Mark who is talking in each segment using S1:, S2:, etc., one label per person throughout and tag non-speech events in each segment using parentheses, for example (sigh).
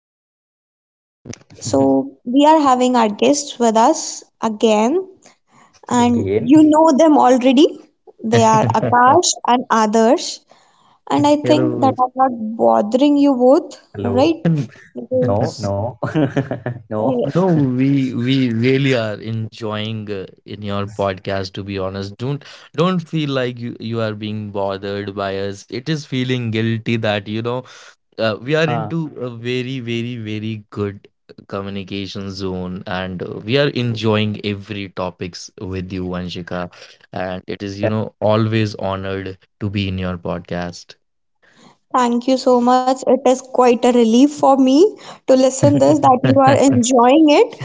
S1: a while. So,
S2: (laughs)
S1: we are having our guests with us again, and you
S2: Again,
S1: know them already. They are Akash
S3: (laughs)
S1: and Adarsh. And I think that I'm
S3: Hello.
S1: not bothering you both, right?
S2: hello.
S3: (laughs)
S1: Because
S2: No, no, (laughs) no.
S1: uh,
S3: No, we really are enjoying in your podcast, to be honest. Don't feel like you are being bothered by us. It is feeling guilty that, you know, we
S2: Uh,
S3: are into a very, very, very good communication zone, and we are enjoying every topics with you, Anshika. And it
S2: yeah,
S3: is, you know, always honored to be in your podcast.
S1: Thank you so much. It is quite a relief for me to listen this that you are
S3: (laughs)
S1: enjoying it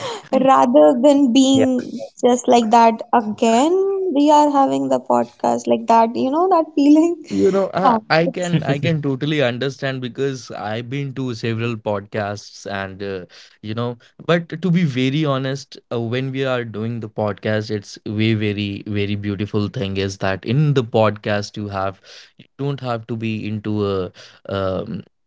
S1: rather
S2: yeah,
S1: than being just like that again. We are having the podcast like that, you know, that feeling. (laughs)
S3: You know,
S1: Yeah,
S3: I, I
S1: it's,
S3: can I can totally understand because I've been to several podcasts and you know, but to be very honest, when we are doing the podcast, it's way very very beautiful thing is that in the podcast you have you don't have to be into a um,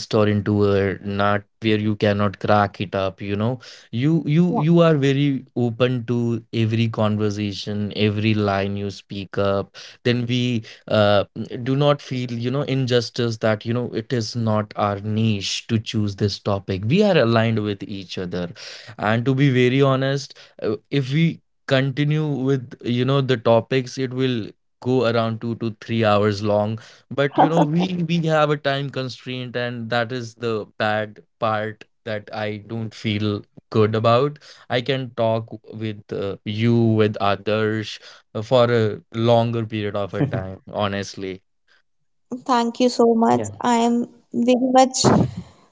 S3: nest or into a nut where you cannot crack it up. You know, you
S1: yeah.
S3: you you are very open to every conversation, every line you speak up. Then we uh, do not feel, you know, injustice that, you know, it is not our niche to choose this topic. We are aligned with each other, and to be very honest, if we continue with, you know, the topics, it will go around 2 to 3 hours long, but you know we have a time constraint, and that is the bad part that I don't feel good about. I can talk with you, with others, for a
S2: (laughs)
S3: longer period of a time, honestly.
S2: yeah.
S1: Thank you so much. I am very much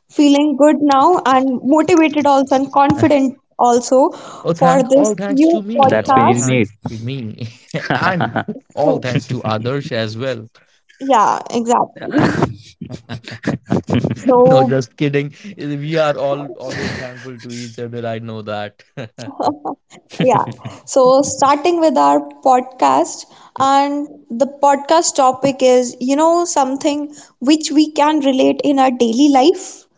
S1: feeling good now and motivated also and confident
S3: (laughs)
S1: also
S3: Oh,
S1: for
S3: thank,
S1: this
S3: all
S2: That's when
S1: new
S3: thanks
S2: you
S3: to
S2: need.
S3: me,
S1: podcast.
S3: all thanks to me,
S2: (laughs)
S3: (laughs) and
S1: So,
S3: all thanks to others as well.
S1: yeah, exactly.
S3: (laughs)
S1: So,
S3: No, just kidding. We are all always thankful to each other, I know that. (laughs)
S1: yeah. So, starting with our podcast, and the podcast topic is, you know, something which we can relate in our daily life.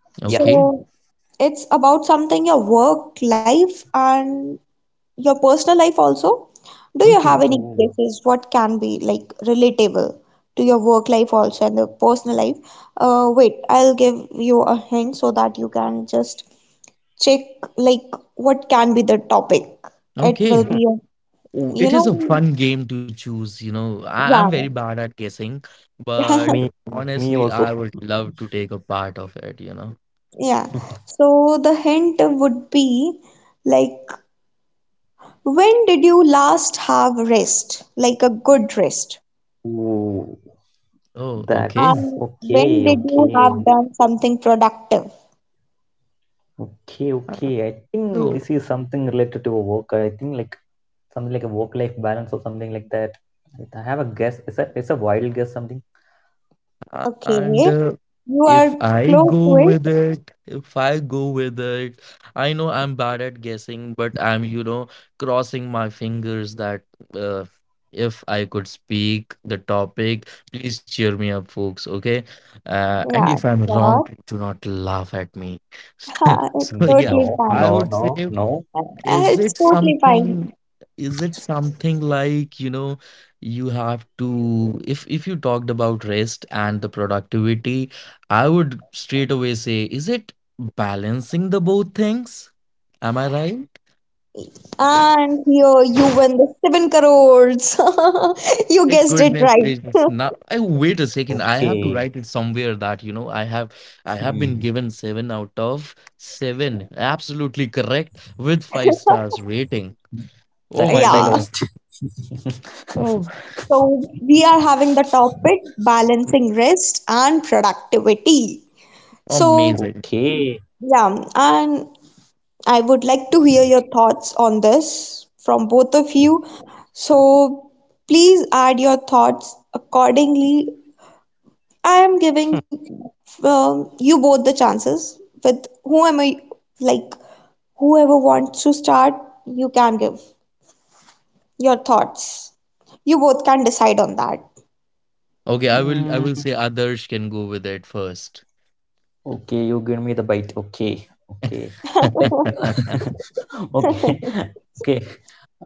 S2: Yeah.
S1: So,
S3: Okay,
S1: it's about something your work life and your personal life also. Do you have
S3: okay,
S1: any
S2: Ooh.
S1: guesses what can be like relatable to your work life also and the personal life? Wait, I'll give you a hint so that you can just check like what can be the topic. It will
S3: okay.
S1: be, you
S3: Oh, it is a
S1: know,
S3: fun game to choose, you know. I'm
S1: yeah,
S3: very bad at guessing, but
S1: (laughs)
S2: Me, me
S3: honestly I
S2: also.
S3: would love to take a part of it, you know.
S1: yeah. So the hint would be like, when did you last have rest, like a good rest?
S2: Ooh,
S3: Oh, okay.
S1: And
S2: that's
S1: when did
S2: okay,
S1: you have
S2: okay,
S1: done something productive?
S2: okay, okay. I think
S3: So,
S2: this is something related to a work. I think like something like a work-life balance or something like that. Like, I have a guess. It's a wild guess. Something.
S1: Okay,
S3: and
S1: you are
S3: if I
S1: close
S3: go
S1: to
S3: with
S1: it.
S3: it, if I go with it, I know I'm bad at guessing, but I'm, you know, crossing my fingers that, uh, if I could speak the topic, please cheer me up, folks, okay?
S1: Yeah,
S3: And if I'm
S1: sure.
S3: wrong, do not laugh at me. (laughs)
S1: (laughs) It's
S2: No,
S3: So,
S1: totally
S3: yeah,
S2: no,
S1: fine.
S2: no,
S3: I would
S2: no.
S3: say,
S1: Uh,
S3: is
S1: It's
S3: it
S1: totally fine.
S3: something, is it something like, you know, you have to, if you talked about rest and the productivity, I would straight away say, is it balancing the both things? Am I right?
S1: And you win the 7 crores. (laughs) You
S3: My
S1: guessed it right.
S3: goodness
S1: (laughs)
S3: gracious. Now, I wait a second. I have to
S2: Okay.
S3: write it somewhere that, you know, I have, I have
S2: Hmm.
S3: been given seven out of seven. Absolutely correct with five stars rating.
S2: That
S3: Oh
S1: Yeah.
S2: means I
S3: my
S2: lost.
S3: goodness.
S2: (laughs)
S3: Oh,
S1: So we are having the topic balancing rest and productivity. So,
S3: amazing.
S2: Okay.
S1: yeah, and I would like to hear your thoughts on this from both of you. So please add your thoughts accordingly. I am giving you both the chances with whoever, like, whoever wants to start, you can give your thoughts. You both can decide on that.
S3: Okay, I
S2: Mm,
S3: will I will say Adarsh can go with it first.
S2: okay, you give me the bite. Okay. Okay. Like
S3: (laughs)
S2: (laughs) okay. Okay. Uh,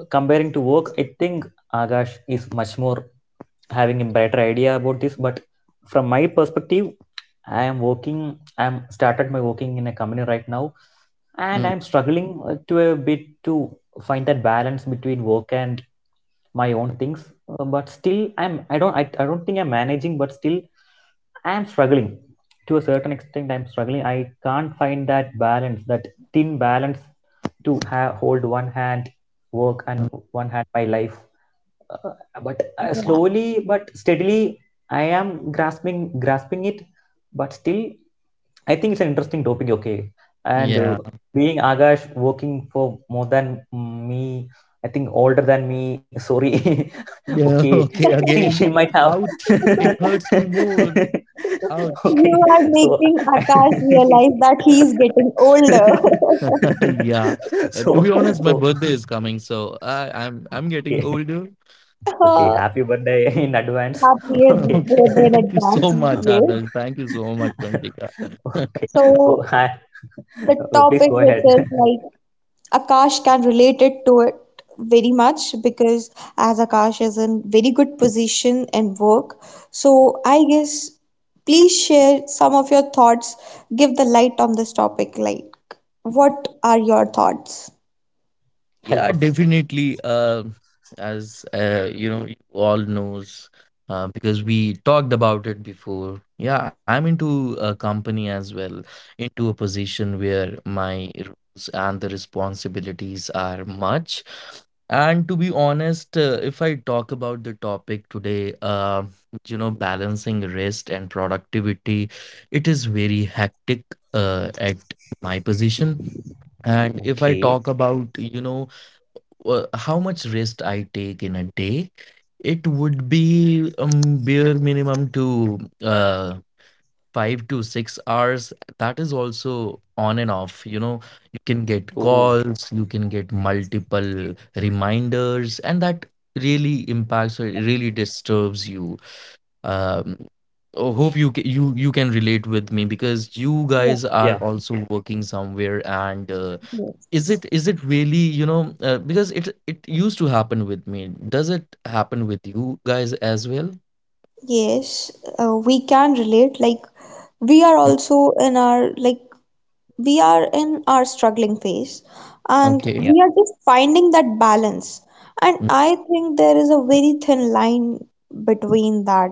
S2: Comparing to work, I think Agash is much more having a better idea about this, but from my perspective I am working I'm started my working in a company right now, and I'm
S3: Mm,
S2: struggling to a bit to find that balance between work and my own things. But still, I don't think I'm managing, but still I am struggling. To a certain extent, I'm struggling. I can't find that balance, that thin balance, to have, hold one hand work and one hand my life. Uh, but Slowly but steadily, I am grasping it, but still I think it's an interesting topic. Okay. and
S3: yeah.
S2: being Agash, working for more than me, I think older than me, sorry. (laughs) Okay,
S3: Yeah, (laughs)
S2: I
S3: okay,
S2: think she might
S3: again.
S2: have
S3: Ouch.
S1: Yeah.
S3: It
S1: (laughs)
S3: hurts me more.
S2: (laughs)
S3: Ouch.
S2: okay,
S1: You are
S2: so
S1: making
S2: I
S1: Akash realize that he is getting older. (laughs)
S3: (laughs) Yeah.
S2: (laughs) so
S3: To be honest,
S2: so
S3: my birthday is coming, so I'm
S2: okay.
S3: getting older.
S2: Okay,
S1: uh,
S2: happy birthday (laughs) in advance. (laughs)
S1: Happy
S2: Okay.
S3: (laughs)
S1: birthday in
S3: Okay. Thank you
S1: advance,
S3: so much,
S1: yes.
S2: (laughs)
S3: Adarsh. Thank you so much, Panchika.
S2: Okay.
S3: (laughs)
S1: So
S2: So I,
S1: the
S2: please
S1: topic
S2: go
S1: which
S2: ahead.
S1: is like Akash can relate it to it very much because as Akash is in very good position and work, so I guess please share some of your thoughts, give the light on this topic. Like, what are your thoughts?
S2: (laughs) Help
S3: Yeah,
S2: us.
S3: definitely. As you know, you all knows, because we talked about it before. Yeah, I'm into a company as well, into a position where my roles and the responsibilities are much. And to be honest, if I talk about the topic today, you know, balancing rest and productivity, it is very hectic at my position. And if I
S2: Okay.
S3: talk about, you know, how much rest I take in a day, it would be bare minimum to 5 to 6 hours. That is also on and off. You know, you can get
S2: Oh,
S3: calls, you can get multiple reminders, and that really impacts or it really disturbs you. Um, I hope you you you can relate with me because you
S1: Yeah,
S3: guys
S2: yeah,
S3: are also working somewhere, and is
S1: yes.
S3: it, is it really, you know, because it used to happen with me, does it happen with you guys as well?
S1: Yes, we can relate. Like, we are
S3: Mm,
S1: also in our like we are in our struggling phase and
S3: okay.
S2: yeah.
S1: we are just finding that balance. And
S3: Mm,
S1: I think there is a very thin line between that,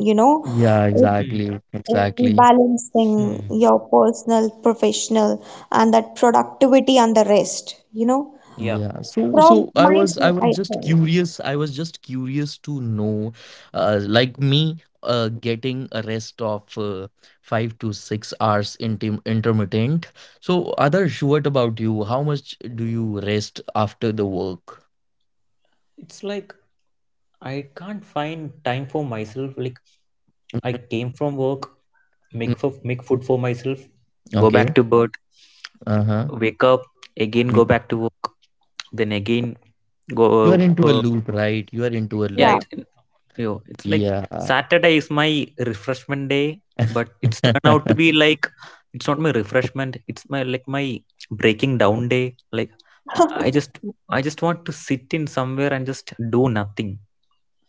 S1: you know,
S3: yeah,
S2: Hmm,
S3: exactly,
S1: in
S3: exactly.
S1: balancing
S2: hmm,
S1: your personal, professional, and that productivity and the rest, you know.
S2: yeah.
S3: Yeah. So so
S1: From
S3: i
S1: my
S3: was i
S1: side, I
S3: was just
S1: think,
S3: curious, I was just curious to know, like me getting a rest of 5 to 6 hours, intermittent. So others, what about you, how much do you rest after the work?
S2: It's like I can't find time for myself. Like, I came from work,
S3: Mm,
S2: make food for myself, go back to
S3: okay.
S2: bed,
S3: Uh-huh.
S2: wake up, again go
S3: Mm.
S2: back to work, then again go
S3: You are into a loop, right? You are into
S2: yeah,
S3: a
S1: yeah,
S3: loop.
S2: yo, it's like
S3: Yeah.
S2: Saturday is my refreshment day, but it's turned out to be
S3: (laughs)
S2: like it's not my refreshment, it's my like my breaking down day. Like, I just, I just want to sit in somewhere and just do nothing.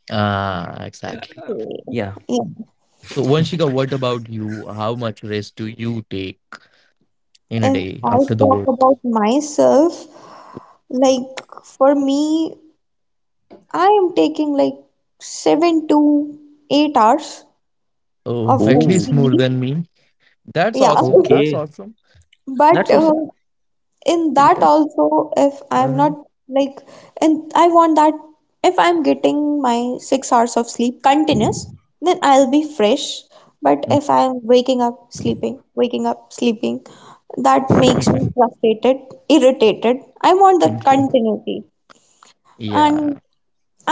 S3: Ah,
S2: Yeah.
S3: exactly.
S1: okay.
S2: Yeah.
S1: Yeah.
S3: So, Vanshika,
S2: (laughs)
S3: what about you? How much rest do you take in a
S1: If
S3: day
S1: I
S3: after the
S1: talk
S3: work?
S1: about myself, like for me, I am taking like 7 to 8 hours of
S3: Oh,
S1: my
S3: at
S2: Oh,
S3: least
S1: sleep.
S3: more than me. That's
S1: Yeah.
S3: awesome.
S1: (laughs)
S2: okay,
S3: That's awesome. (laughs)
S2: that's
S1: But
S2: awesome.
S3: Oh,
S1: In that
S3: yeah.
S1: also, if I'm not
S3: Uh-huh.
S1: like, and I want that, if I'm getting my 6 hours of sleep continuous, then I'll be fresh. But
S3: (laughs)
S1: if
S3: Mm,
S1: I'm waking up, sleeping, that makes me frustrated, irritated. I want the
S3: thank you.
S1: continuity. And
S3: Yeah.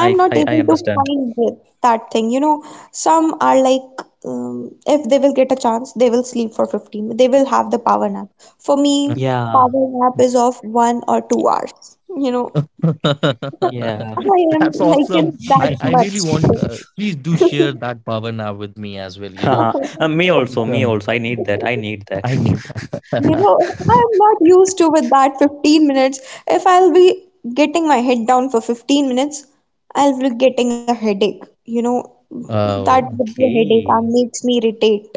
S1: not
S2: I
S1: able to
S2: understand.
S1: that thing. You know, some are like, if they will get a chance, they will sleep for 15. They will have the power nap. For me,
S2: Yeah.
S1: power nap is of 1 or 2 hours. You know,
S2: Yeah.
S1: (laughs) I
S3: (laughs)
S1: am
S3: That's
S1: like in
S3: awesome.
S1: that
S3: I
S2: (laughs)
S3: really
S1: much.
S3: want, please do share that power now with me as well. You
S2: Haha.
S3: know,
S2: Uh, me
S3: you
S2: also me
S3: can-
S2: also I need that, I need that.
S3: I need.
S2: (laughs)
S1: You
S3: (laughs)
S1: know, I'm not used to with that 15 minutes. If I'll be getting my head down for 15 minutes, I'll be getting a headache. You know, that
S3: Oh,
S1: would be a headache
S2: Okay.
S1: and makes me irritate.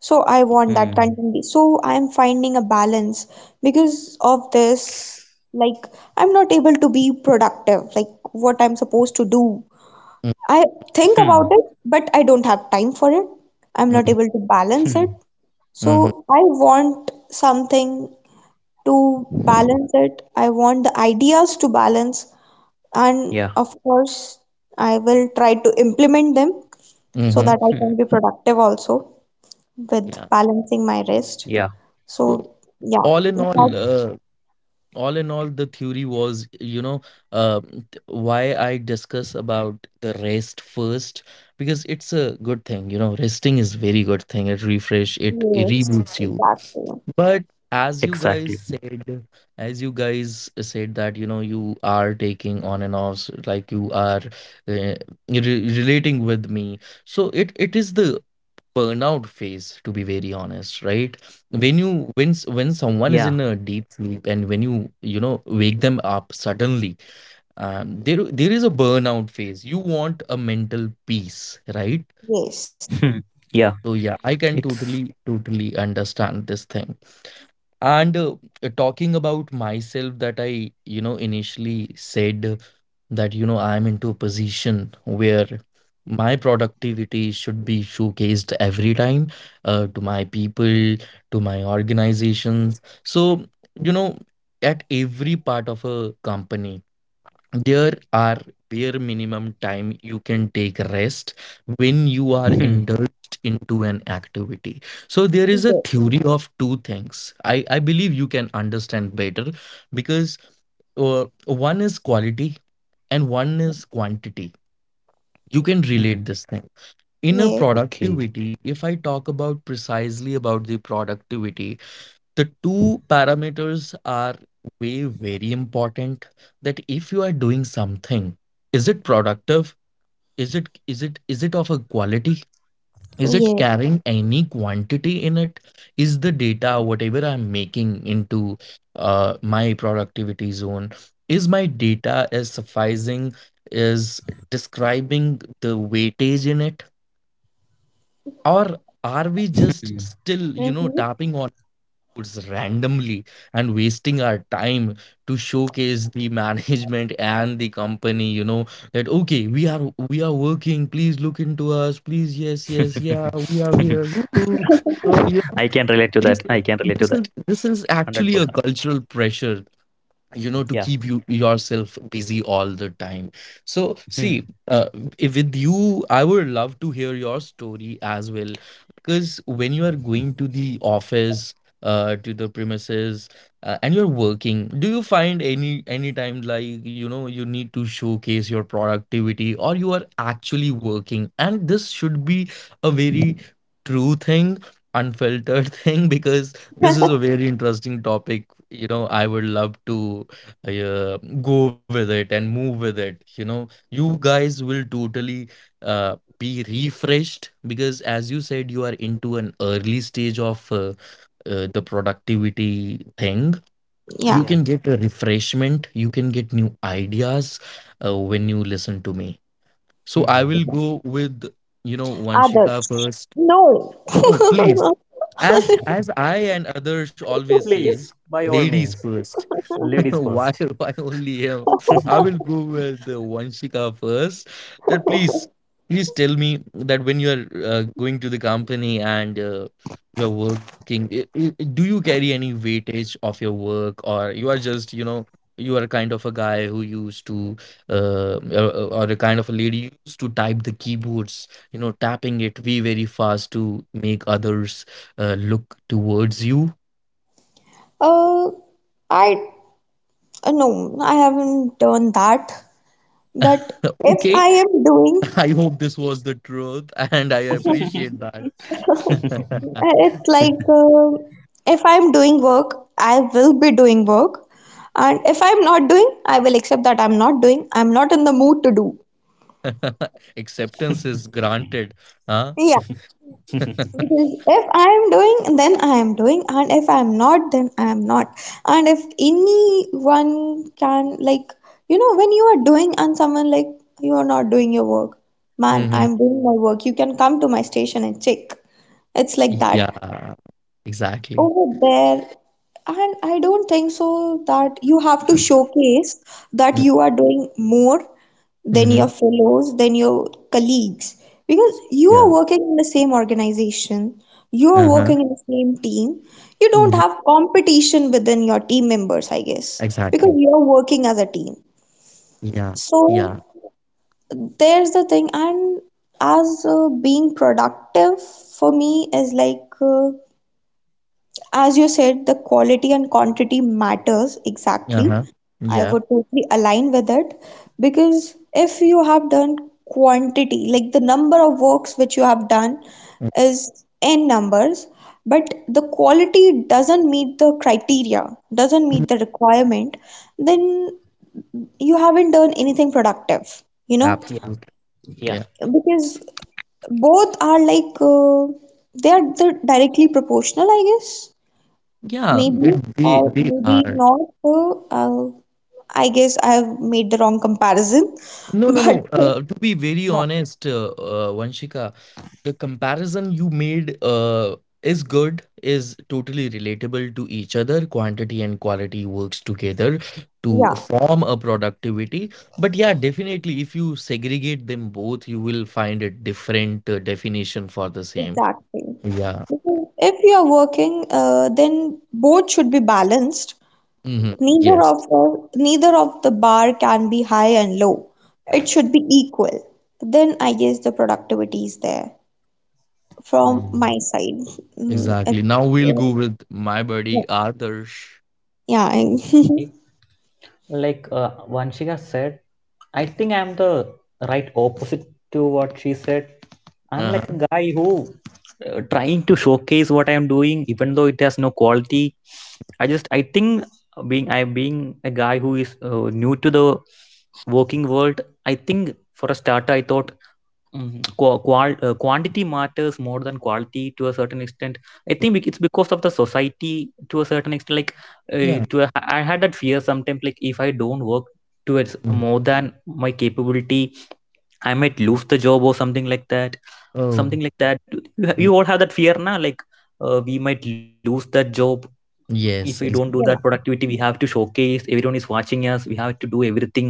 S1: So I want
S2: Hmm.
S1: that continuity. So I'm finding a balance because of this. Like, I'm not able to be productive, like what I'm supposed to do.
S3: mm,
S1: I think about
S2: Hmm.
S1: it, but I don't have time for it. I'm not
S3: mm,
S1: able to
S2: Hmm.
S1: balance it.
S3: mm,
S1: So I want something to balance it. I want the ideas to balance. And
S2: Yeah.
S1: of course, I will try to implement them so that
S3: mm,
S1: I
S2: Hmm.
S1: can be productive also
S3: yeah.
S1: with
S2: Yeah.
S1: balancing my rest.
S3: So,
S1: So
S2: Hmm.
S1: yeah,
S3: all in
S1: that
S3: all, uh, all in all, the theory was, you know, why I discuss about the rest first, because it's a good thing. You know, resting is very good thing. It refresh, it
S1: yes,
S3: reboots you.
S1: exactly.
S3: But as you
S2: Exactly.
S3: guys said, as you guys said that, you know, you are taking on and offs, like you are re relating with me. So it is the burnout phase, to be very honest, right? When you,
S2: Yeah.
S3: when when someone is in a deep sleep, and when you know, wake them up suddenly, there there is a burnout phase, you want a mental peace, right?
S2: Hmm.
S1: Yes,
S2: Yeah.
S3: So yeah, I
S2: It's.
S3: can totally totally understand this thing, and talking about myself, that I, you know, initially said that, you know, I'm into a position where my productivity should be showcased every time, to my people, to my organizations. So, you know, at every part of a company there are bare minimum time you can take rest when you are
S2: Hmm.
S3: indulged into an activity. So there is a
S1: yes,
S3: theory of two things, I believe you can understand better, because one is quality and one is quantity. You can
S2: Hmm.
S3: relate this thing in a
S1: yes,
S2: Okay.
S3: productivity. If I talk about precisely about the productivity, the two parameters are way very important, that if you are doing something, is it productive, is it, is it, is it of a quality? Is it
S1: yes.
S3: carrying any quantity in it? Is the data whatever I'm making into my productivity zone, is my data is sufficing, is describing the weightage in it? Or are we just
S2: Hmm.
S3: still, you know,
S1: Mm-hmm.
S3: tapping on foods randomly and wasting our time to showcase the (laughs) management and the company, you know, that, okay, we are, we are working, please look into us, please, yes, yes, yeah,
S2: (laughs)
S3: we are here, Woo-hoo." So, you know,
S2: I can relate to that.
S3: please,
S2: I can relate to
S3: this is,
S2: that.
S3: this is actually a
S2: 100%.
S3: cultural pressure, you know, to
S2: Yeah.
S3: keep you yourself busy all the time. So
S2: Hmm.
S3: see, with you I would love to hear your story as well, because when you are going to the office, to the premises, and you're working, do you find any time, like, you know, you need to showcase your productivity, or you are actually working? And this should be a very true thing, unfiltered (laughs) thing, because this is a
S1: (laughs)
S3: very interesting topic, you know. I would love to uh, go with it and move with it, you know. You guys will totally be refreshed, because as you said, you are into an early stage of the productivity thing. You
S1: Yeah.
S3: can
S2: Yeah.
S3: get a refreshment, you can get new ideas when you listen to me. So I will
S2: Hmm.
S3: go with, you know, Vanshika
S1: Others.
S3: first.
S1: No.
S3: No, please,
S1: (laughs)
S3: as I and others always says,
S2: Please, by all
S3: ladies
S2: means,
S3: first. (laughs)
S2: ladies
S3: why
S2: first.
S3: why
S2: (laughs)
S3: only him? I will go with Vanshika first. That, please, please tell me that when you are going to the company and you're working, I do you carry any weightage of your work, or you are just, you know, you are kind of a guy who used to uh, or, or a kind of a lady used to type the keyboards, you know, tapping it very very fast to make others look towards you.
S1: Uh, I No, I haven't done that. But
S3: (laughs)
S1: if
S3: Okay.
S1: I am
S3: (laughs) I
S1: doing,
S3: hope this was the truth, and I
S1: (laughs)
S3: appreciate that. (laughs)
S1: it's like if I'm doing work, I will be doing work, and if I'm not doing, I will accept that I'm not doing. I'm not in the mood to do.
S3: Acceptance is granted, huh?
S1: Yeah.
S2: (laughs)
S3: (laughs)
S1: Because if I am doing, then I am doing, and if I am not, then I am not. And if anyone can, like, you know, when you are doing and someone like, you are not doing your work, man,
S3: Hmm.
S1: I'm doing my work, you can come to my station and check. It's like that
S3: Yeah, exactly.
S1: over there, and I don't think so that you have to showcase
S3: Mm,
S1: that you are doing more than
S3: mm-hmm.
S1: your fellows, than your colleagues, because you
S3: Yeah.
S1: are working in the same organization, you are
S3: Uh-huh.
S1: working in the same team, you
S3: Hmm.
S1: don't have competition within your team members, I guess,
S3: Exactly.
S1: because you are working as a team.
S3: Yeah. Yeah.
S1: So there's the thing, and as being productive for me is as you said, the quality and quantity matters exactly.
S3: Uh-huh.
S1: I
S3: Yeah.
S1: would totally align with it because if you have done quantity, like the number of works which you have done is n numbers, but the quality doesn't meet the criteria, doesn't meet
S3: Mhm.
S1: the requirement, then you haven't done anything productive, you know,
S2: Yeah.
S3: Absolutely.
S2: Yeah.
S3: Yeah.
S1: because both are like they are the directly proportional, I guess.
S3: Yeah.
S1: Maybe
S3: It,
S1: or
S3: they
S1: maybe
S3: are.
S1: not. I guess I've made the wrong comparison, (laughs)
S3: No, no,
S1: but
S3: no. To be very
S2: No.
S3: honest, Vanshika, the comparison you made is good, is totally relatable to each other. Quantity and quality works together to
S1: yeah,
S3: form a productivity. But yeah, definitely, if you segregate them both, you will find a different definition for the same.
S1: exactly.
S3: Yeah.
S1: Because if you are working, then both should be balanced.
S3: Hmm. Yes,
S1: Neither of the bar can be high and low. It should be equal. Then I guess the productivity is there from my
S2: Hmm.
S1: side. Mm,
S3: exactly. Now we'll go with my
S1: yeah,
S3: buddy Adarsh.
S1: yeah, I-
S2: Okay.
S1: (laughs)
S2: Like Vanshika said, I think I'm the right opposite to what she said. I'm like
S3: Uh-huh.
S2: a guy who trying to showcase what I'm doing, even though it has no quality. I think being I being a guy who is new to the working world, I think for a starter, I thought, mhm, quantity matters more than quality to a certain extent. I think it's because of the society to a certain extent. Like, uh,
S3: Yeah.
S2: to a, I had that fear sometimes. Like, if I don't work towards
S3: Mhm.
S2: more than my capability, I might lose the job or something like that. Something
S3: Oh,
S2: like that. You
S3: mm,
S2: all have that fear now. Like, we might lose that job if we don't
S3: yes,
S2: do
S3: exactly.
S2: that
S1: yeah.
S2: productivity. We have to showcase, everyone is watching us, we have to do everything.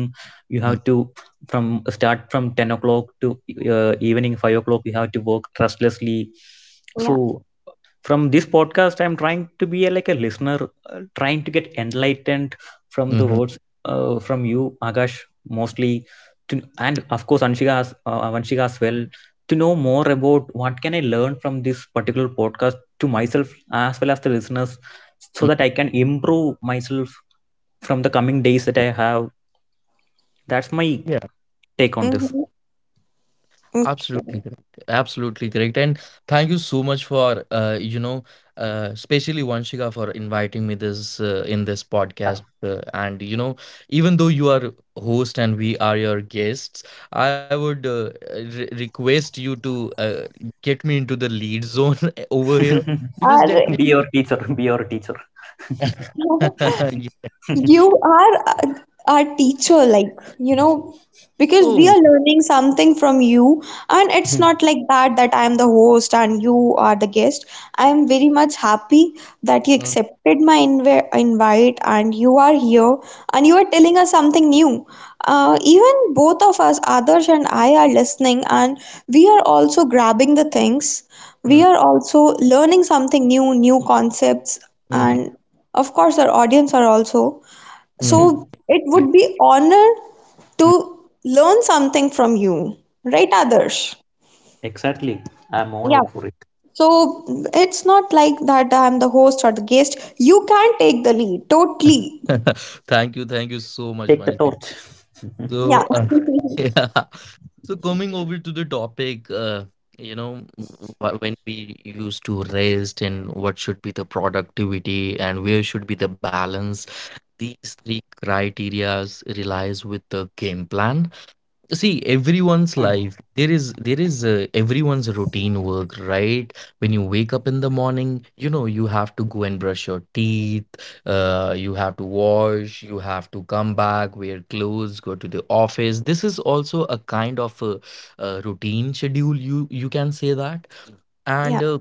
S2: You have to from start from 10 o'clock to evening 5 o'clock. We have to work restlessly.
S1: Yeah.
S2: So from this podcast I'm trying to be a, like a listener, trying to get enlightened from the
S3: Mhm.
S2: words, from you, Akash, mostly, to, and of course Vanshika as well, to know more about what can I learn from this particular podcast to myself as well as the listeners, so
S3: Mm.
S2: that I can improve myself from the coming days that I have. That's my
S3: Yeah.
S2: take on this.
S1: Mhm. Okay.
S3: Absolutely correct. Absolutely correct. And thank you so much for, you know, especially Vanshika, for inviting me this, in this
S2: Yeah.
S3: podcast. And you know, even though you are host and we are your guests, I would re request you to get me into the lead zone (laughs) over here
S1: All
S3: because
S1: right.
S2: (laughs)
S3: definitely.
S2: Be your teacher.
S1: (laughs)
S3: (laughs) Yeah.
S1: You are a- our teacher, like, you know,
S2: (laughs)
S1: because we
S3: Oh.
S1: are learning something from you, and it's
S2: Hmm,
S1: not like that that I am the host and you are the guest. I am very much happy that you
S3: Mm,
S1: accepted my invite and you are here and you are telling us something new. Even both of us, Adarsh and I, are listening and we are also grabbing the things.
S3: mm,
S1: We are also learning something new, new concepts,
S3: mm,
S1: and of course, our audience are also.
S3: mm. Mm.
S2: hmm.
S1: So it would be honor to learn something from you, right, Adarsh?
S2: Exactly. I'm all
S1: Yeah.
S2: out for it.
S1: So it's not like that I'm the host or the guest. You can take the lead totally.
S3: (laughs) Thank you so much,
S2: Take the
S3: Vanshika.
S2: torch. (laughs)
S1: Yeah.
S3: So, uh, (laughs)
S1: (laughs)
S3: yeah. So coming over to the topic, you know, when we used to rest and what should be the productivity and where should be the balance, these three criterias relies with the game plan. See, everyone's
S2: Hmm,
S3: life, there is everyone's routine work, right? When you wake up in the morning, you know, you have to go and brush your teeth, you have to wash, you have to come back, wear clothes, go to the office. This is also a kind of a, uh, routine schedule, you can say that. And
S1: Yeah.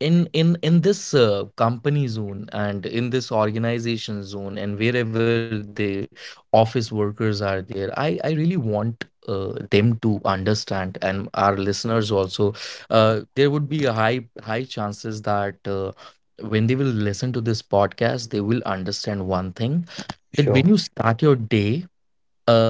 S3: in this company zone and in this organization zone, and wherever the office workers are there, I really want them to understand, and our listeners also, there would be a high chances that when they will listen to this podcast, they will understand one thing, that when you
S2: sure.
S3: start your day, uh,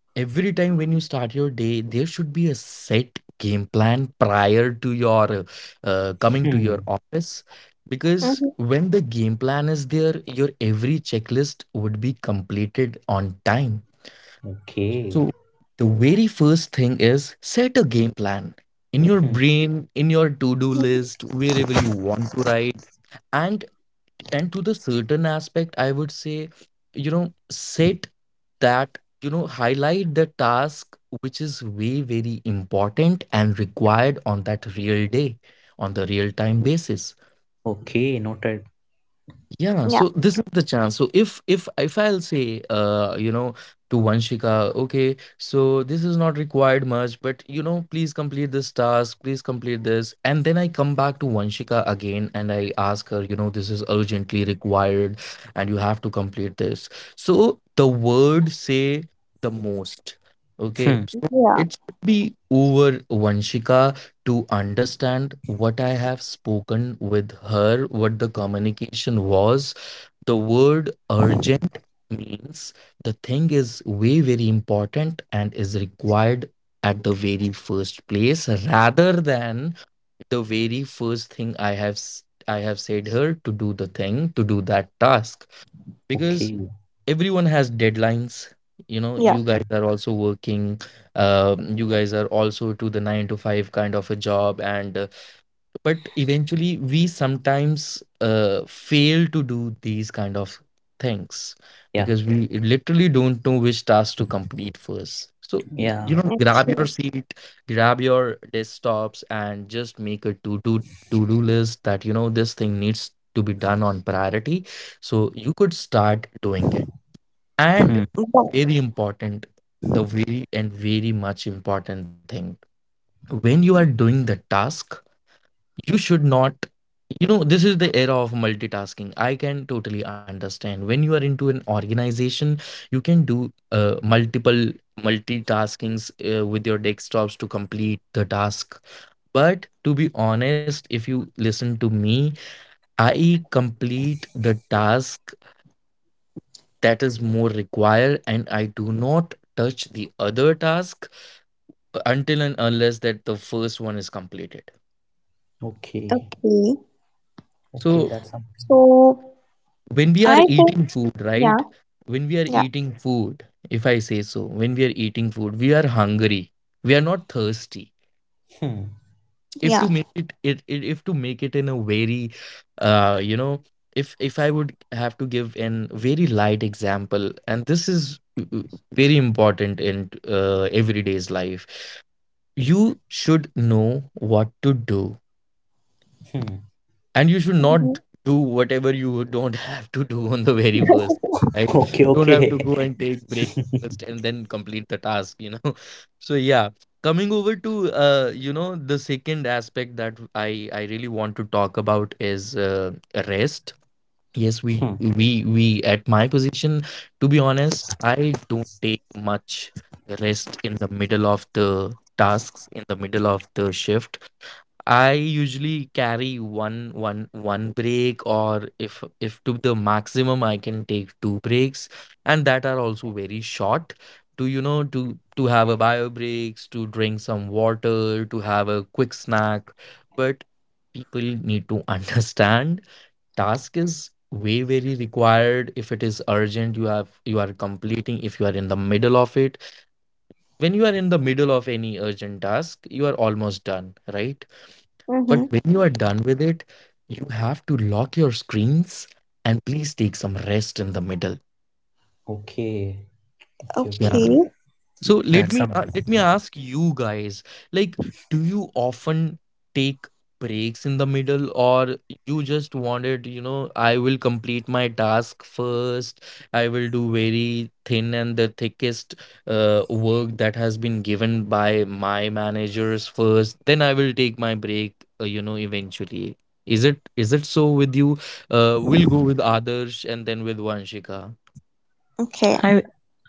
S3: every time when you start your day, there should be a set game plan prior to your coming to your
S2: Hmm,
S3: office. Because
S1: Mhm.
S3: when the game plan is there, your every checklist would be completed on time. So
S2: okay.
S3: the very first thing is set a game plan in your
S2: Hmm,
S3: brain, in your to do list, wherever you want to write. And to the certain aspect, I would say, you know, set that, you know, highlight the task which is way very important and required on that real day, on the real time basis.
S2: okay. Noted.
S3: Yeah, so
S1: Yeah.
S3: this is the chance. So if I'll say uh, you know, to Vanshika, okay, so this is not required much, but you know, please complete this task, please complete this. And then I come back to Vanshika again and I ask her, you know, this is urgently required and you have to complete this. So the word say the most. Okay.
S2: Hmm,
S3: So
S1: Yeah.
S3: it should be over Vanshika to understand what I have spoken with her, what the communication was. The word urgent means the thing is way, very important and is required at the very first place, rather than the very first thing I have. I have said her to do the thing, to do that task, because
S2: okay.
S3: everyone has deadlines. You know,
S1: Yeah.
S3: you guys
S2: Uh,
S3: are also working, you guys are also to the nine to five kind of a job, and but eventually we sometimes fail to do these kind of things
S2: yeah.
S3: because we literally don't know which task to complete first. So
S2: Yeah.
S3: you know,
S1: Okay.
S3: grab your seat, grab your desktops and just make a to do list, that you know, this thing needs to be done on priority so you could start doing it. And
S2: Hmm,
S1: But,
S3: very important, the very and very much important thing, when you are doing the task, you should not, you know, this is the era of multitasking. I can totally understand when you are into an organization, you can do multiple multitaskings with your desktops to complete the task. But to be honest, if you listen to me, I complete the task that is more required, and I do not touch the other task until and unless that the first one is completed.
S2: okay.
S1: okay.
S3: So
S2: Okay. That's something.
S1: So
S3: when we are
S1: I
S3: eating
S1: think
S3: food, right,
S1: yeah.
S3: when we are
S1: Yeah.
S3: eating food, if I say so, when we are eating food, we are hungry, we are not thirsty.
S2: Hmm,
S3: If to
S1: Yeah.
S3: make it, it, it if to make it in a very uh, you know, if I would have to give an very light example, and this is very important in everyday's life, you should know what to do,
S2: hmm.
S3: and you should not
S1: Mm-hmm.
S3: do whatever you don't have to do on the very first time, right?
S2: Okay.
S3: You don't have to go
S2: Okay.
S3: and take breaks first and
S2: (laughs)
S3: then complete the task, you know. (laughs) So yeah, coming over to you know, the second aspect that I really want to talk about is rest. Yes,
S2: Hmm,
S3: we we at my position, to be honest, I don't take much rest in the middle of the tasks, in the middle of the shift. I usually carry one break, or if to the maximum I can take two breaks, and that are also very short, to you know, to have a bio breaks, to drink some water, to have a quick snack. But people need to (laughs) understand, task is way very required. If it is urgent, you have, you are completing, if you are in the middle of it, when you are in the middle of any urgent task, you are almost done, right? But
S1: Mm-hmm.
S3: when you are done with it, you have to lock your screens and please take some rest in the middle.
S2: okay. Okay. Okay.
S1: Okay.
S3: Yeah. So
S2: That's something.
S3: let me ask you guys, like, do you often take breaks in the middle, or you just wanted, you know, I will complete my task first. I will do very thin and the thickest work that has been given by my managers first. Then I will take my break, you know, eventually. Is it so with you? We'll go with Adarsh and then with Vanshika.
S1: Okay.
S2: I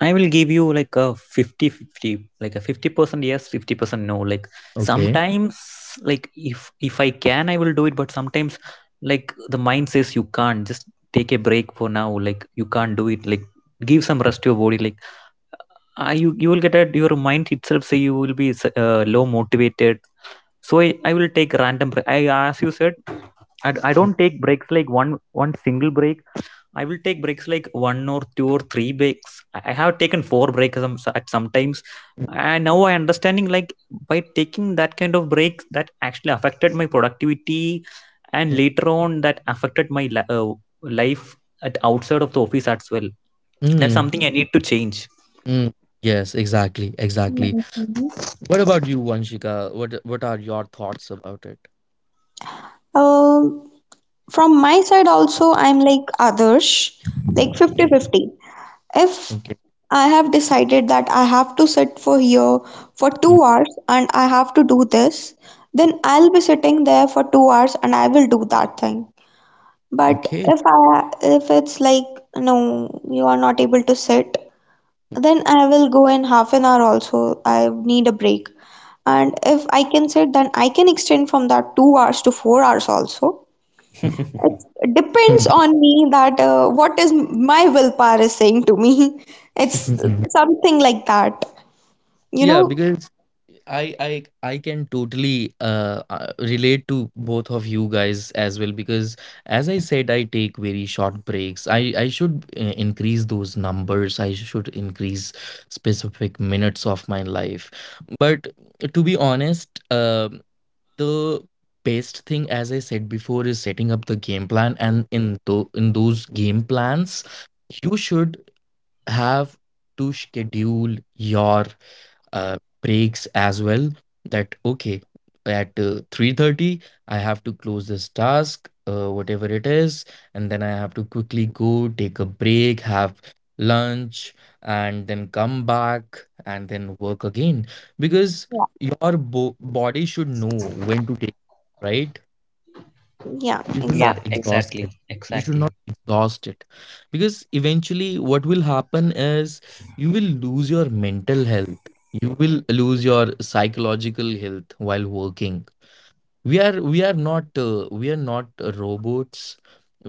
S2: I will give you like a 50 50, like a 50% yes, 50% no. Like,
S3: Okay.
S2: sometimes, like, if I can, I will do it, but sometimes, like, the mind says you can't just take a break for now. Like, you can't do it. Like, give some rest to your body. Like, you, you will get at your mind itself say, you will be low motivated. So I will take random break. I, as you said, I don't take breaks like one single break. I will take breaks like one or two or three breaks. I have taken four breaks at sometimes. And now I understanding, like, by taking that kind of breaks, that actually affected my productivity, and later on that affected my life at outside of the office as well. That's
S3: Mm.
S2: something I need to change.
S3: Mm, yes, exactly, exactly.
S1: Mm-hmm.
S3: What about you, Vanshika? What are your thoughts about it?
S1: From my side also, I'm like others, like
S3: Mm.
S1: 50-50.
S3: Okay.
S1: If I have decided that I have to sit for here for
S3: Mm.
S1: 2 hours and I have to do this, then I'll be sitting there for 2 hours and I will do that thing. But
S3: Okay.
S1: if i if it's like no, you are not able to sit, then I will go in half an hour also. I need a break, and if I can sit then I can extend from that 2 hours to 4 hours also.
S3: Mm,
S2: (laughs)
S1: It
S3: mm,
S1: depends on me that what is my willpower is saying to me. (laughs)
S3: mm,
S1: It's
S3: mm.
S1: something like that,
S3: Yeah,
S1: you know.
S3: because I can totally relate to both of you guys as well, because as I said, I take very short breaks. I should increase those numbers. I should increase specific minutes of my life. But to be honest, um, the best thing, as I said before, is setting up the game plan, and in those game plans, you should have to schedule your breaks as well. That okay, at 3:30 I have to close this task, whatever it is, and then I have to quickly go take a break, have lunch, and then come back and then work again. Because
S1: Yeah,
S3: your body should know when to take, right?
S1: yeah,
S3: You should not
S2: Yeah,
S1: exactly.
S3: exhaust it.
S2: exactly.
S3: You should not
S2: Exactly.
S3: exhaust it, because eventually what will happen is you will lose your mental health, you will lose your psychological health while working. We are not we are not robots.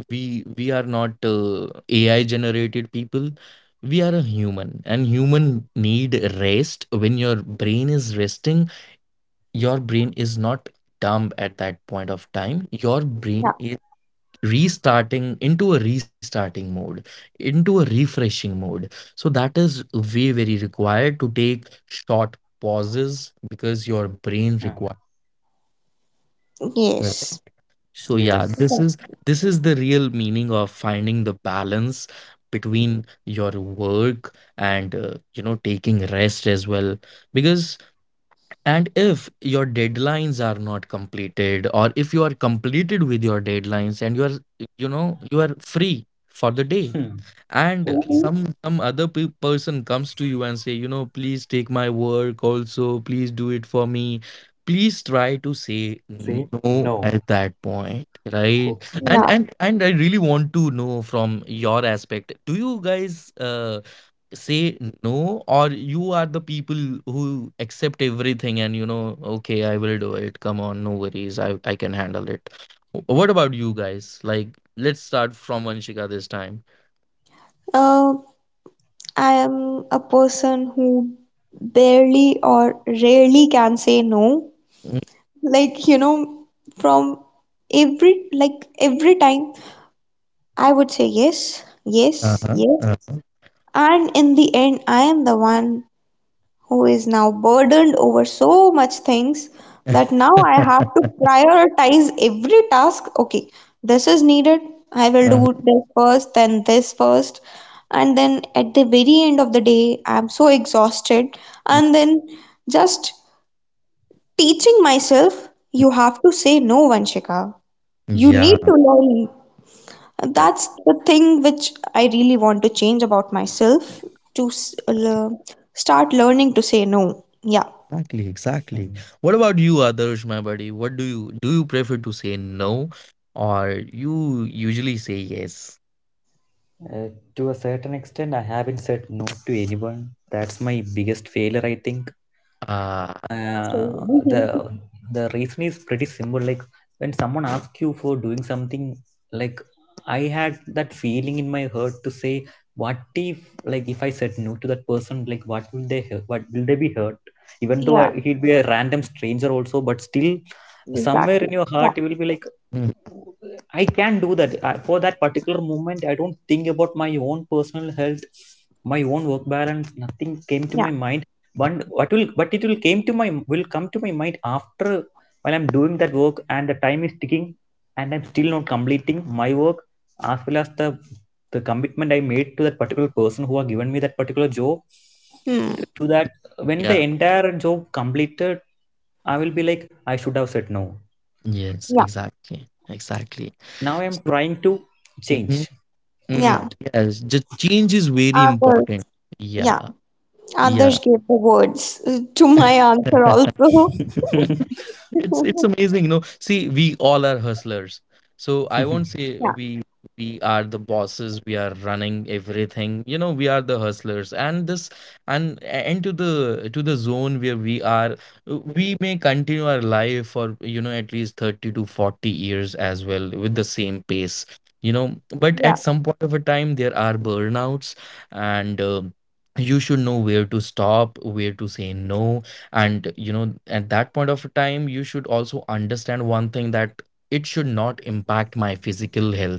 S3: We are not AI generated people. We are a human, and human need rest. When your brain is resting, your brain is not dumb at that point of time. Your brain
S1: Yeah,
S3: is restarting, into a restarting mode, into a refreshing mode. So that is way very required to take short pauses because your brain
S2: Hmm.
S3: requires.
S1: yes.
S3: So yeah, this
S2: Yes.
S1: Okay.
S3: is, this is the real meaning of finding the balance between your work and you know, taking rest as well. Because, and if your deadlines are not completed, or if you are completed with your deadlines and you are, you know, you are free for the day,
S2: Hmm.
S3: and
S2: Okay.
S1: Mhm.
S3: some other person comes to you and say, you know, please take my work also, please do it for me, please try to say
S2: Say
S3: no
S2: no.
S3: at that point, right?
S2: Okay.
S3: And
S1: Yeah.
S3: I really want to know from your aspect, do you guys say no, or you are the people who accept everything and you know, okay I will do it, come on, no worries, I can handle it. What about you guys, like let's start from Vanshika this time.
S1: uh, I am a person who barely or rarely can say no. Like you know, from every, like every time I would say yes
S3: Uh-huh.
S1: yes, and in the end I am the one who is now burdened over so much things that now
S3: (laughs)
S1: I have to prioritize every task. Okay, this is needed. I will
S3: Uh,
S1: do this first, then this first. And then at the very end of the day, I'm so exhausted. And then just teaching myself, you have to say no, Vanshika. You need
S3: yeah,
S1: to learn.
S3: yeah.
S1: That's the thing which I really want to change about myself, to start learning to say no. Yeah.
S3: Exactly, exactly.
S2: Hmm.
S3: What about you, Adarsh, my buddy? What do you, do you prefer to say no, or you usually say yes?
S2: Uh, to a certain extent, I haven't said no to anyone. That's my biggest failure, I think.
S3: Uh,
S2: Uh, the
S1: Mhm.
S2: reason is pretty simple. Like, when someone asks you for doing something, like, I had that feeling in my heart to say, what if, like, if I said no to that person, like, what will they hurt? What will they be hurt? Even though
S1: Yeah,
S2: he'd be a random stranger also, but still, somewhere
S1: exactly.
S2: in your
S1: Yeah,
S2: heart, you will be like,
S3: mm,
S2: I can do that. I, for that particular moment, I don't think about my own personal health, my own work balance. Nothing came to
S1: yeah,
S2: my mind. But what will, but it will came to my will come to my mind after, while I'm doing that work and the time is ticking, and I'm still not completing my work as well as the commitment I made to that particular person who had given me that particular job.
S1: hmm,
S2: To that, when
S3: yeah.
S2: the entire job completed, I will be like, I should have said no.
S3: Yes,
S1: yeah,
S3: exactly. Exactly.
S2: Now I'm
S3: So
S2: trying to
S3: mhm,
S2: change
S3: mm,
S1: yeah.
S2: that.
S3: yes, the change is very
S1: Others,
S3: important. Yeah.
S1: yeah,
S3: Yeah.
S1: others gave the words to my answer
S3: (laughs)
S1: also.
S2: (laughs)
S3: It's
S1: (laughs)
S3: amazing. No, see, we all are hustlers. So I won't say
S1: Yeah,
S3: we are the bosses. We are running everything. You know, we are the hustlers. And this, and to the zone where we are, we may continue our life for you know, at least 30 to 40 years as well with the same pace. You know, but at
S1: yeah,
S3: some point of a time there are burnouts, and you should know where to stop, where to say no, and you know, at that point of time you should also understand one thing, that it should not impact my physical health,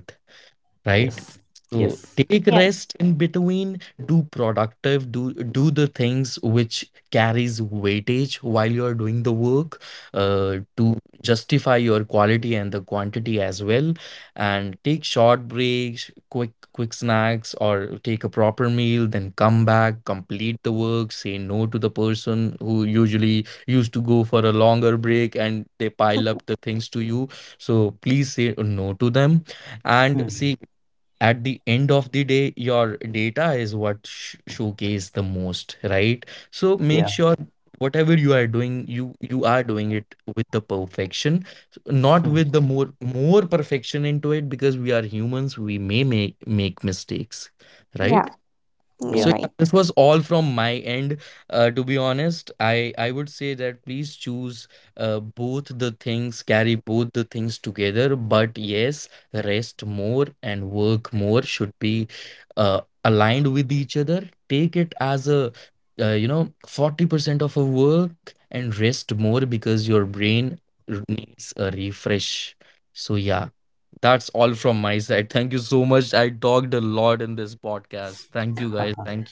S3: right?
S2: Yes,
S3: So
S2: yes.
S3: take
S1: yeah,
S3: rest in between, do productive, do the things which carries weightage while you are doing the work, to justify your quality and the quantity as well. And take short breaks, quick snacks, or take a proper meal, then come back, complete the work, say no to the person who usually used to go for a longer break and they pile up the things to you. So please say no to them, and say
S2: Hmm.
S3: at the end of the day your data is what showcase the most, right? So make
S2: Yeah.
S3: sure whatever you are doing, you are doing it with the perfection, not
S2: Hmm.
S3: with the more perfection into it, because we are humans, we may make mistakes, right?
S1: yeah,
S3: So
S1: you're
S2: Yeah.
S3: yeah,
S1: right.
S3: this was all from my end. To be honest, I would say that please choose both the things, carry both the things together. But yes, rest more and work more should be aligned with each other. Take it as a you know, 40% of a work, and rest more, because your brain needs a refresh. So yeah, that's all from my side. Thank you so much. I talked a lot in this podcast. Thank you, guys.
S2: Uh-huh.
S3: Thank you.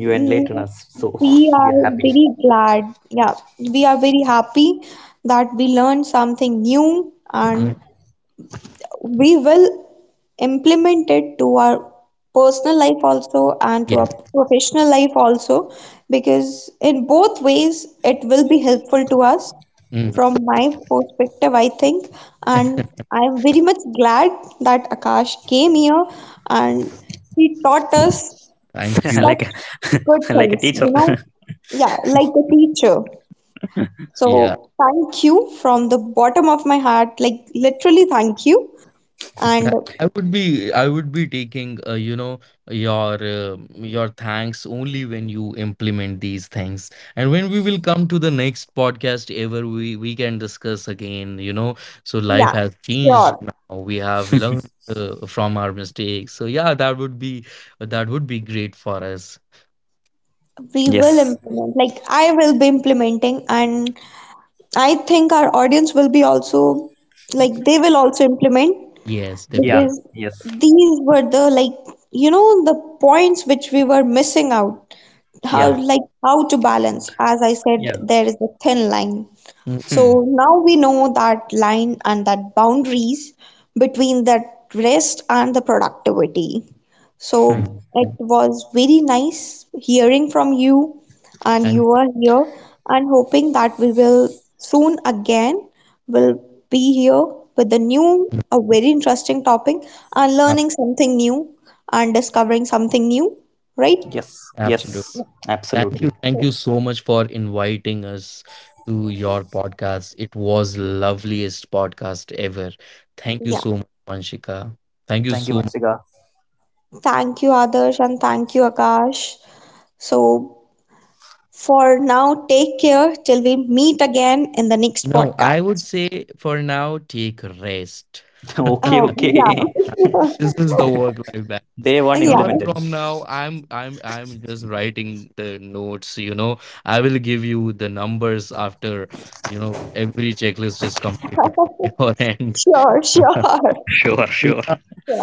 S2: You enlighten
S1: Mm,
S2: us, so
S1: we
S2: (laughs) we are
S1: are
S2: happy.
S1: very glad, yeah, we are very happy that we learned something new,
S3: Mm,
S1: and we will implemented to our personal life also and to
S3: yes.
S1: our professional life also, because in both ways it will be helpful to us
S3: Mm.
S1: from my perspective, I think. And
S3: (laughs)
S1: I'm very much glad that Akash came here and he taught us
S3: Thank you.
S2: (laughs) Like
S1: such good
S2: a, (laughs) like a
S1: things,
S2: teacher.
S1: you know, yeah, like a teacher.
S2: (laughs)
S3: Yeah.
S1: So thank you from the bottom of my heart, like literally thank you. And
S3: I would be taking you know, your thanks only when you implement these things, and when we will come to the next podcast ever, we can discuss again, you know, so life
S1: yeah,
S3: has changed,
S1: sure.
S3: now we have learned from our mistakes, so yeah, that would be, that would be great for us.
S1: We will
S2: Yes.
S1: implement, like I will be implementing, and I think our audience will be also, like they will also implement,
S3: Yes, definitely.
S2: Yeah.
S1: because
S2: Yes.
S1: these were the like, you know, the points which we were missing out.
S3: Uh,
S2: Yeah.
S1: How, like how to balance? As I
S2: Yeah.
S1: said, there is a thin line.
S3: mm,
S2: Hmm.
S1: So now we know that line and that boundaries between that rest and the productivity. So
S2: Hmm.
S3: exactly.
S1: it was very nice hearing from you, and you
S3: Thank
S1: are here, and hoping that we will soon again will be here with a
S3: you.
S1: new, a very interesting topic,
S3: Ab-
S1: and learning something new and discovering something new, right?
S2: Yes,
S3: Absolutely.
S2: yes,
S3: Thank you.
S2: absolutely.
S3: Thank you
S1: So,
S3: so much for inviting us to your podcast. It was loveliest podcast ever. Thank you
S1: yeah,
S3: so much, Vanshika. Thank you so
S2: Thank you,
S3: much.
S2: Vansiga.
S1: thank you, Adarsh, and thank you, Akash. So for now, take care till we meet again in the next
S3: No, I would
S1: podcast.
S3: say for now, take rest.
S2: (laughs)
S3: (laughs)
S2: Okay,
S1: Oh,
S2: okay. (laughs)
S3: This is the work life balance.
S2: Day one
S1: yeah.
S3: Learn
S1: (laughs) Yeah.
S2: implemented.
S3: from now. I'm just writing the notes, you know, I will give you the numbers after, you know, every checklist is completed from (laughs)
S1: (laughs)
S3: your end.
S1: Sure,
S3: (laughs)
S1: sure, (laughs)
S3: So
S2: Sure, sure.
S3: yeah,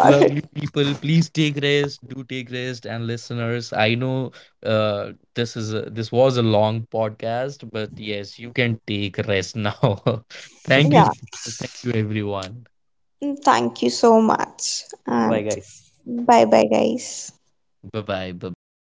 S3: lovely people, please take rest, do take rest, and listeners, I know, uh, this was a long podcast, but yes, you can take rest now. (laughs) Thank you
S1: Yeah.
S3: so much. Thank you everyone.
S1: Mm, thank you so much.
S2: Bye,
S1: And
S2: guys.
S1: bye bye, guys.
S3: Bye bye, bye bye.